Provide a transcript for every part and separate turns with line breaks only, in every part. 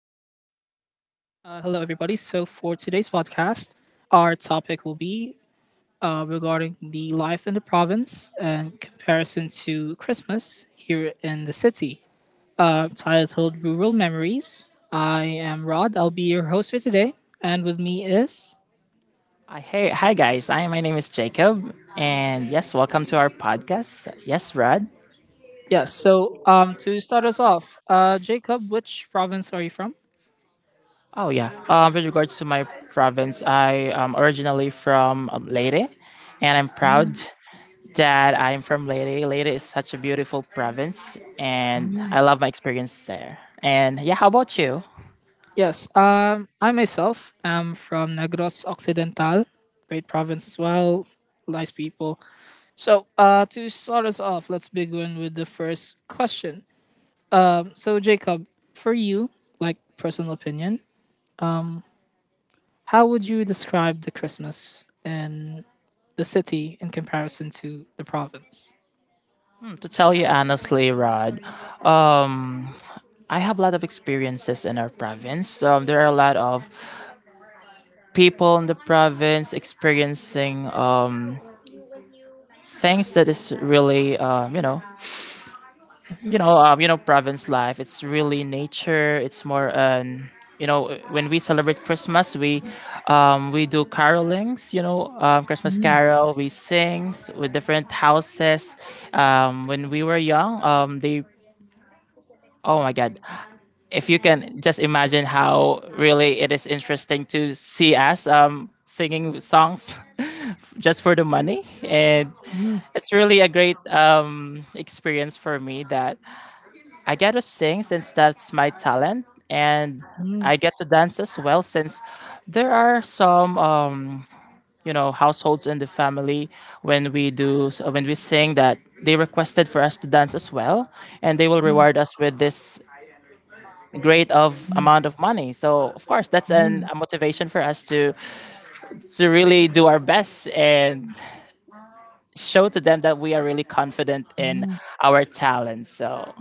Hello, everybody. So, for today's podcast, our topic will be regarding the life in the province and comparison to Christmas here in the city. Titled Rural Memories. I am Rod. I'll be your host for today. And with me is.
Hey, hi guys. I My name is Jacob, and yes, welcome to our podcast. Yes, Rod.
Yes, so to start us off, Jacob, which province are you from?
Oh yeah. With regards to my province, I am originally from Leyte, and I'm proud that I'm from Leyte. Leyte is such a beautiful province, and I love my experience there. And yeah, how about you?
Yes, I myself am from Negros Occidental, great province as well, nice people. So, to start us off, let's begin with the first question. So, Jacob, for you, like personal opinion, how would you describe the Christmas in the city in comparison to the province?
Hmm, to tell you honestly, Rod, um, I have a lot of experiences in our province. There are a lot of people in the province experiencing things that is really
Mm,
province life, it's really nature, it's more an you know when we celebrate Christmas, we do carolings, Christmas carol, we sing with different houses. When we were young, they oh my god, if you can just imagine how really it is interesting to see us singing songs just for the money. And
mm,
it's really a great experience for me that I get to sing since that's my talent, and
mm.
I get to dance as well since there are some households in the family. When we sing that they requested for us to dance as well, and they will reward us with this great of amount of money. So of course that's a motivation for us to really do our best and show to them that we are really confident in our talents. So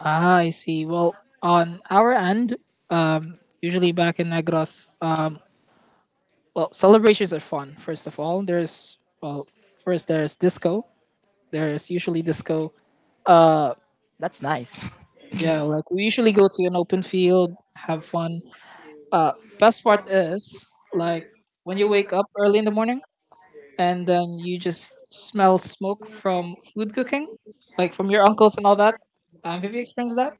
Ah, I see. Well, on our end, usually back in Negros, well, celebrations are fun, first of all. There's, well, first there's disco. There's usually disco.
that's nice.
Yeah, like we usually go to an open field, have fun. Uh, best part is like when you wake up early in the morning and then you just smell smoke from food cooking, like from your uncles and all that. Have you experienced that?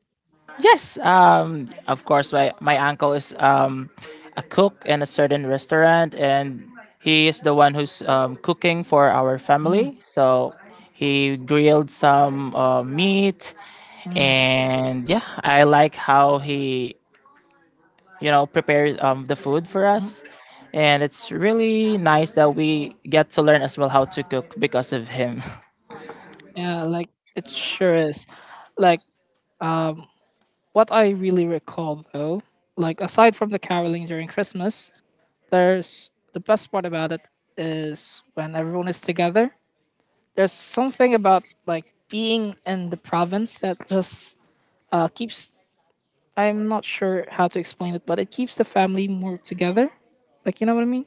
Yes, of course. My uncle is a cook in a certain restaurant, and he is the one who's cooking for our
Mm,
family. So he grilled some meat,
mm,
and yeah, I like how he prepare the food for
mm.
us, and it's really nice that we get to learn as well how to cook because of him.
Yeah, like it sure is. Like what I really recall though, like aside from the caroling during Christmas, there's the best part about it is when everyone is together. There's something about like being in the province that just keeps I'm not sure how to explain it, but it keeps the family more together. Like you know what I mean?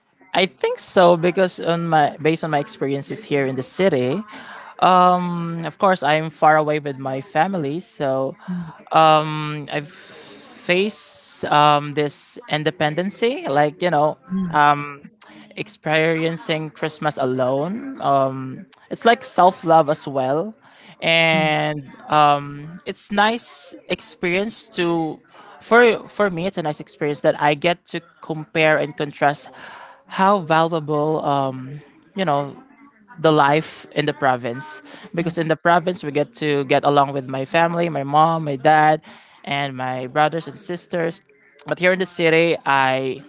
I think so, because on my based on my experiences here in the city, of course I'm far away with my family, so I've faced this independency,
Mm,
um, experiencing Christmas alone. It's like self love as well,
mm,
and it's nice experience to for me. It's a nice experience that I get to compare and contrast how valuable you know the life in the province,
mm,
because in the province we get to get along with my family, my mom, my dad, and my brothers and sisters. But here in the city, I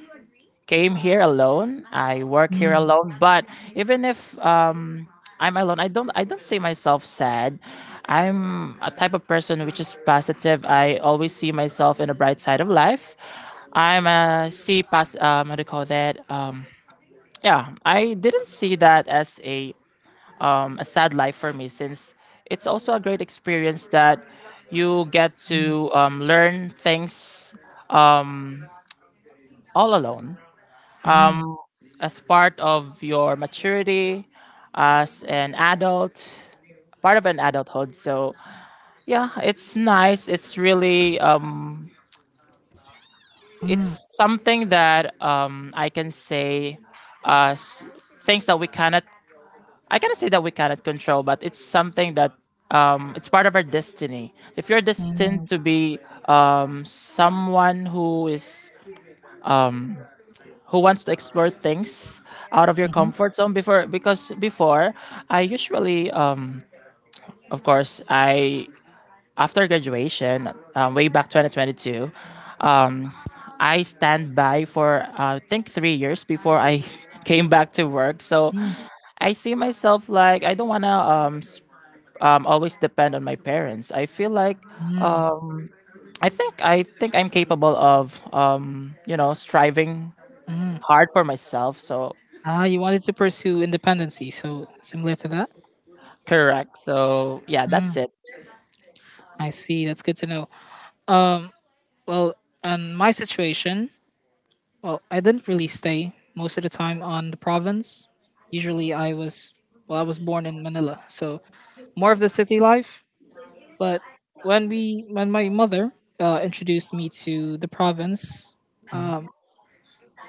came here alone. I work here
mm,
alone. But even if I'm alone, I don't see myself sad. I'm a type of person which is positive. I always see myself in the bright side of life. I'm a see pos How do you call that? Yeah, I didn't see that as a sad life for me, since it's also a great experience that you get
mm,
to learn things um, all alone.
mm,
As part of your maturity as an adult, part of an adulthood. So yeah, it's nice. It's really it's
mm,
something that I can say as things that we cannot. I cannot say that we cannot control, but it's something that it's part of our destiny. So if you're destined to
mm,
be someone who is who wants to explore things out of your
mhm,
comfort zone. Before, because before I usually of course, I after graduation, way back 2022, um, I stand by for I think 3 years before I came back to work. So
mm,
I see myself like I don't wanna always depend on my parents. I feel like um I think I'm capable of you know striving
mm.
hard for myself. So
Ah, you wanted to pursue independency, so similar to that.
correct. So yeah, that's
Mm,
it.
I see. That's good to know. Um, well, in my situation, well, I didn't really stay most of the time on the province. Usually, I was well, I was born in Manila, so more of the city life. But when my mother introduced me to the province,
Mm-hmm.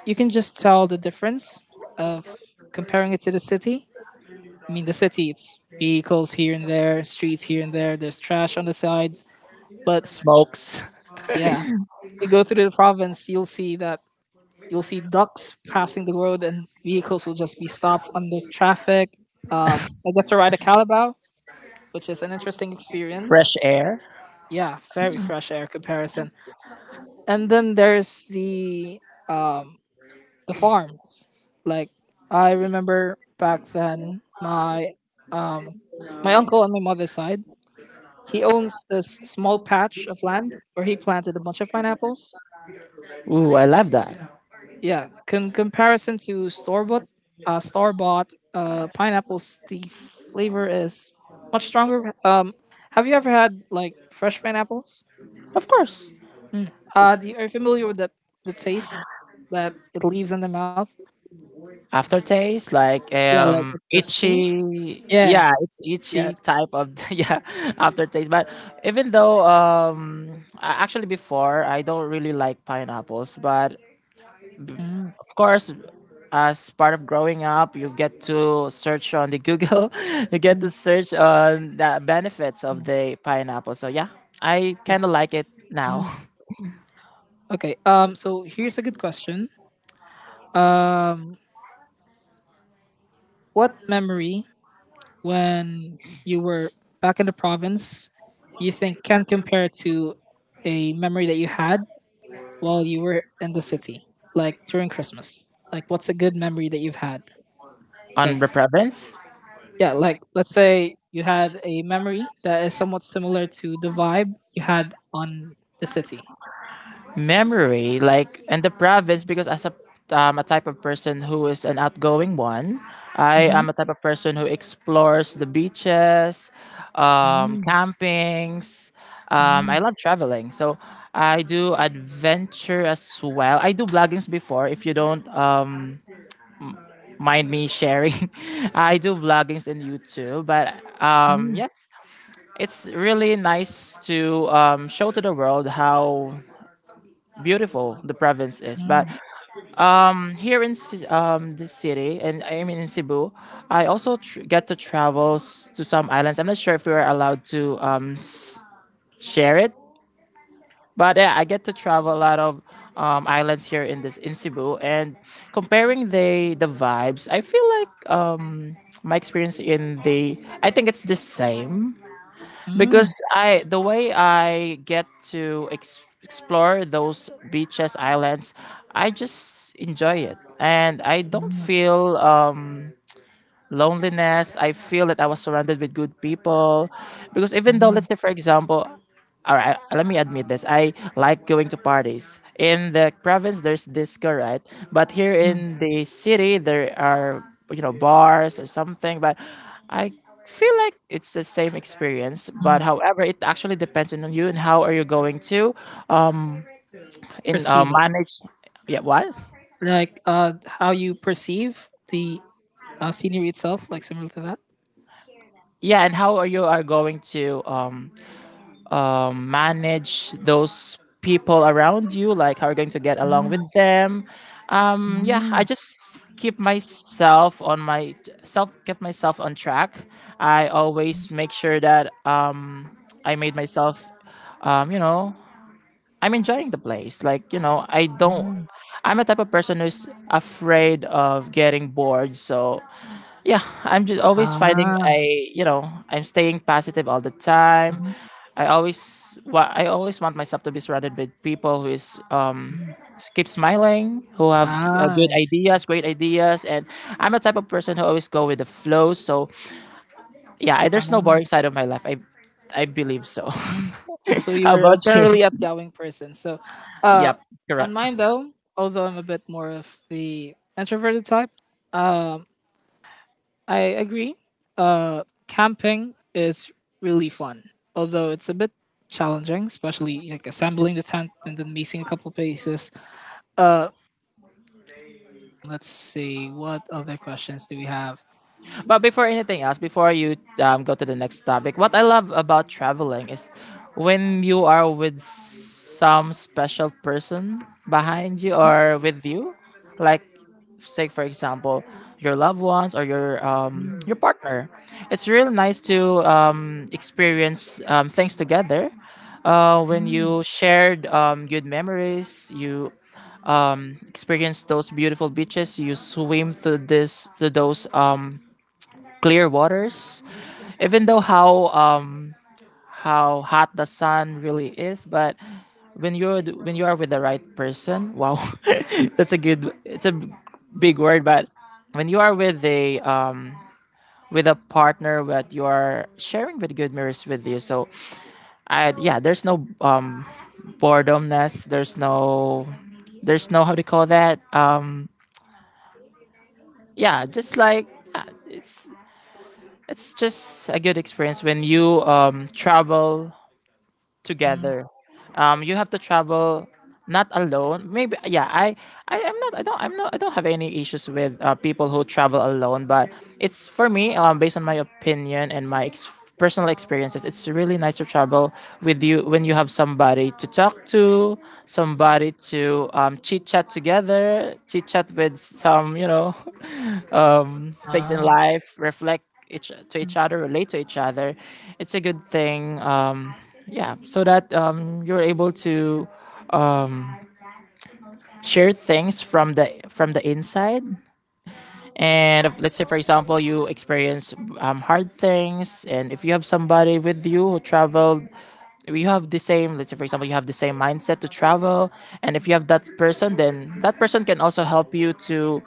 you can just tell the difference of comparing it to the city. I mean, the city, it's vehicles here and there, streets here and there. There's trash on the sides, but
Smokes.
yeah, you go through the province, you'll see ducks passing the road, and vehicles will just be stopped under traffic. I got to ride a Calabao, which is an interesting
Fresh
experience.
air.
Yeah, very fresh air comparison. And then there's the farms. Like I remember back then, my uncle on my mother's side, he owns this small patch of land where he planted a bunch of pineapples.
Ooh, I love that.
Yeah, comparison to store bought, pineapples, the flavor is much stronger. Have you ever had like fresh pineapples?
Of course.
Are you familiar with the taste that it leaves in the mouth?
Aftertaste, like
Yeah, like the sting.
itchy,
Yeah,
yeah, it's
yeah.
itchy type of yeah, aftertaste. But even though actually, before I don't really like pineapples, but
Mm,
of course, as part of growing up, you get to search on the Google, you get to
mm,
search on the benefits of
mm.
the pineapple. So yeah, I kinda like it now.
Mm, okay. So here's a good question. Um. What memory when you were back in the province you think can compare to a memory that you had while you were in the city, like during Christmas? Like, what's a good memory that you've had?
On
Like,
the province.
yeah, like let's say you had a memory that is somewhat similar to the vibe you had on the city.
Memory like in the province, because as a type of person who is an outgoing one, I
Mm-hmm.
am a type of person who explores the beaches,
Mm,
campings, I
mm,
love traveling. So I do adventure as well, I do vloggings before, if you don't mind me sharing, I do vloggings in YouTube. But
mm, mm,
yes, it's really nice to show to the world how beautiful the province is. But
mm,
this city, and I mean in Cebu, I also get to travel to some islands. I'm not sure if we are allowed to share it, but yeah, I get to travel a lot of islands here in this in Cebu. And comparing the vibes, I feel like my experience in the I think it's the same,
mm,
because I the way I get to explore those beaches islands, I just enjoy it, and I don't
mm,
feel loneliness. I feel that I was surrounded with good people. Because even though,
mm,
let's say, for example, all right, let me admit this. I like going to parties. In the province, there's disco, right? But here
mm.
in the city, there are, you know, bars or something. But I feel like it's the same experience. But
Ah,
however, it actually depends on you and how are you going to um, in
perceive it.
manage. Yeah, what?
Like how you perceive the scenery itself, like similar to that.
Yeah, and how are you are going to manage those people around you, like how you're going to get along with
Mm,
them. Yeah,
mm,
I just keep myself on my self kept myself on track. I
mm,
always make sure that I made myself um, you know I'm enjoying the place, I don't,
mm.
I'm a type of person who's afraid of getting bored. So yeah, I'm just always
Ah,
you know, I'm staying positive all the time.
mhm,
I always want myself to be surrounded with people who
mm.
keep smiling, who have
Ah,
good
I see.
ideas, great ideas. And I'm a type of person who always go with the flow. So yeah,
Ah,
there's no boring side of my life. I believe so.
mm. So
How
you're a
about you?
generally outgoing person. So, uh,
Yep.
on
Correct.
mine though, although I'm a bit more of the introverted type, um, I agree. Camping is really fun, although it's a bit challenging, especially like assembling the tent and then missing a couple places. Uh, let's see. What other questions do we have?
But before anything else, before you go to the next topic, what I love about traveling is when you are with some special person behind you or with you, like, say for example, your loved ones or your partner. It's real nice to experience things together. When you shared good memories, you experienced those beautiful beaches. You swim through this through those clear waters, even though how hot the sun really is. But when you are with the right person, wow. That's a good, it's a big word. But when you are with a partner that you are sharing with good mirrors with you, so I yeah, there's no boredomness, there's no, there's no, how to call that, yeah just like yeah, it's just a good experience when you travel together. You have to travel not alone. Maybe yeah. I am not. I don't. I'm not. I don't have any issues with people who travel alone. But it's for me. Based on my opinion and my personal experiences, it's really nice to travel with you when you have somebody to talk to, somebody to chit chat together, chit chat with some, you know, things in
Ah,
life, reflect each to each other, relate to each other. It's a good thing. Yeah, so that you're able to um, share things from the inside. And if, let's say, for example, you experience hard things, and if you have somebody with you who traveled, you have the same, let's say for example, you have the same mindset to travel, and if you have that person, then that person can also help you to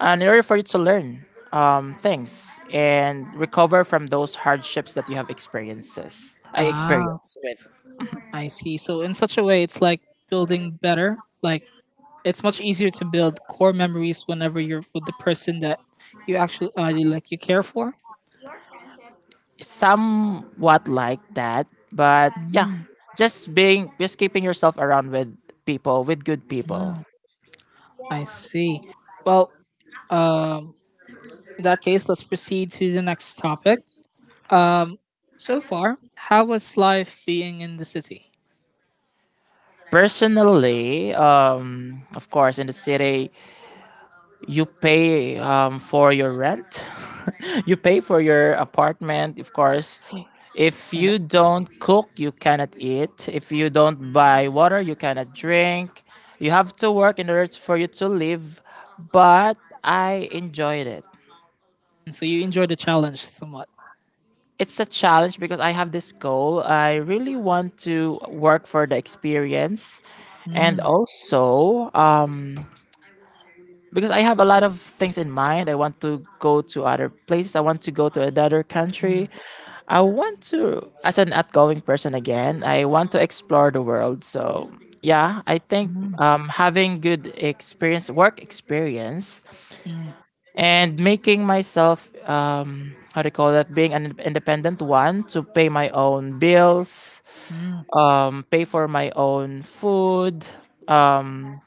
an area for you to learn things and recover from those hardships that you have experiences I
ah,
experienced with.
I see. So in such a way, it's like building better. Like it's much easier to build core memories whenever you're with the person that you actually like you care for.
Somewhat like that, but yeah, just being, just keeping yourself around with people, with good people.
I see. Well, um, in that case, let's proceed to the next topic. So far, how was life being in the city?
Personally of course, in the city, you pay for your rent. You pay for your apartment, of course. If you don't cook, you cannot eat. If you don't buy water, you cannot drink. You have to work in order for you to live. But I enjoyed it.
And so you enjoyed the challenge somewhat.
It's a challenge because I have this goal. I really want to work for the experience, and
Mm,
also because I have a lot of things in mind. I want to go to other places. I want to go to another
mm,
country. I want to, as an outgoing person again, I want to explore the world. So yeah, I think
mm,
having good experience, work experience,
mm,
and making myself, how do you call that, being an independent one to pay my own bills,
mm.
pay for my own food, um,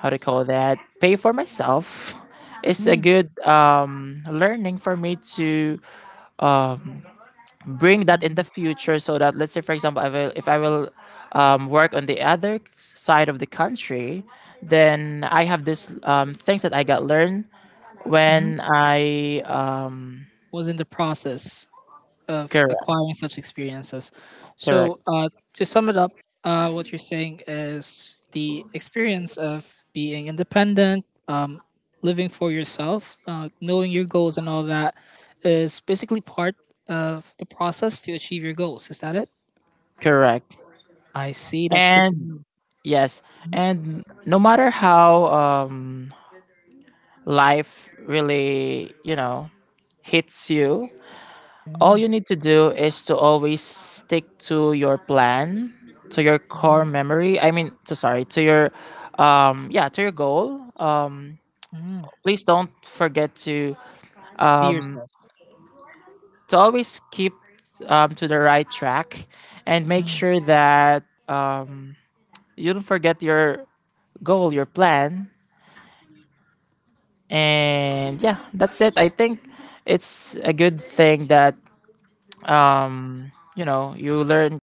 how do you call that, pay for myself. It's a
Oh,
good learning for me to um, bring that in the
mhm,
future, so that let's say for example, if I will work on the other side of the country, then I have this things that I got learned
mhm,
when I
was in the process of
correct,
acquiring such experiences.
correct,
So, to sum it up, what you're saying is the experience of being independent, living for yourself, knowing your goals, and all that is basically part of the process to achieve your goals. Is that it?
correct.
I see. That's good to
And
know.
yes, and no matter how life really, you know, hits you, all
Mm,
you need to do is to always stick to your plan, to your core
mm,
memory, I mean to, sorry, to your yeah to your goal.
mm.
Please don't forget
Be
um
yourself.
to always keep to the right track, and make
Mm-hmm.
sure that you don't forget your goal, your plan. And yeah, that's it, I think. It's a good thing that um you know, you learn.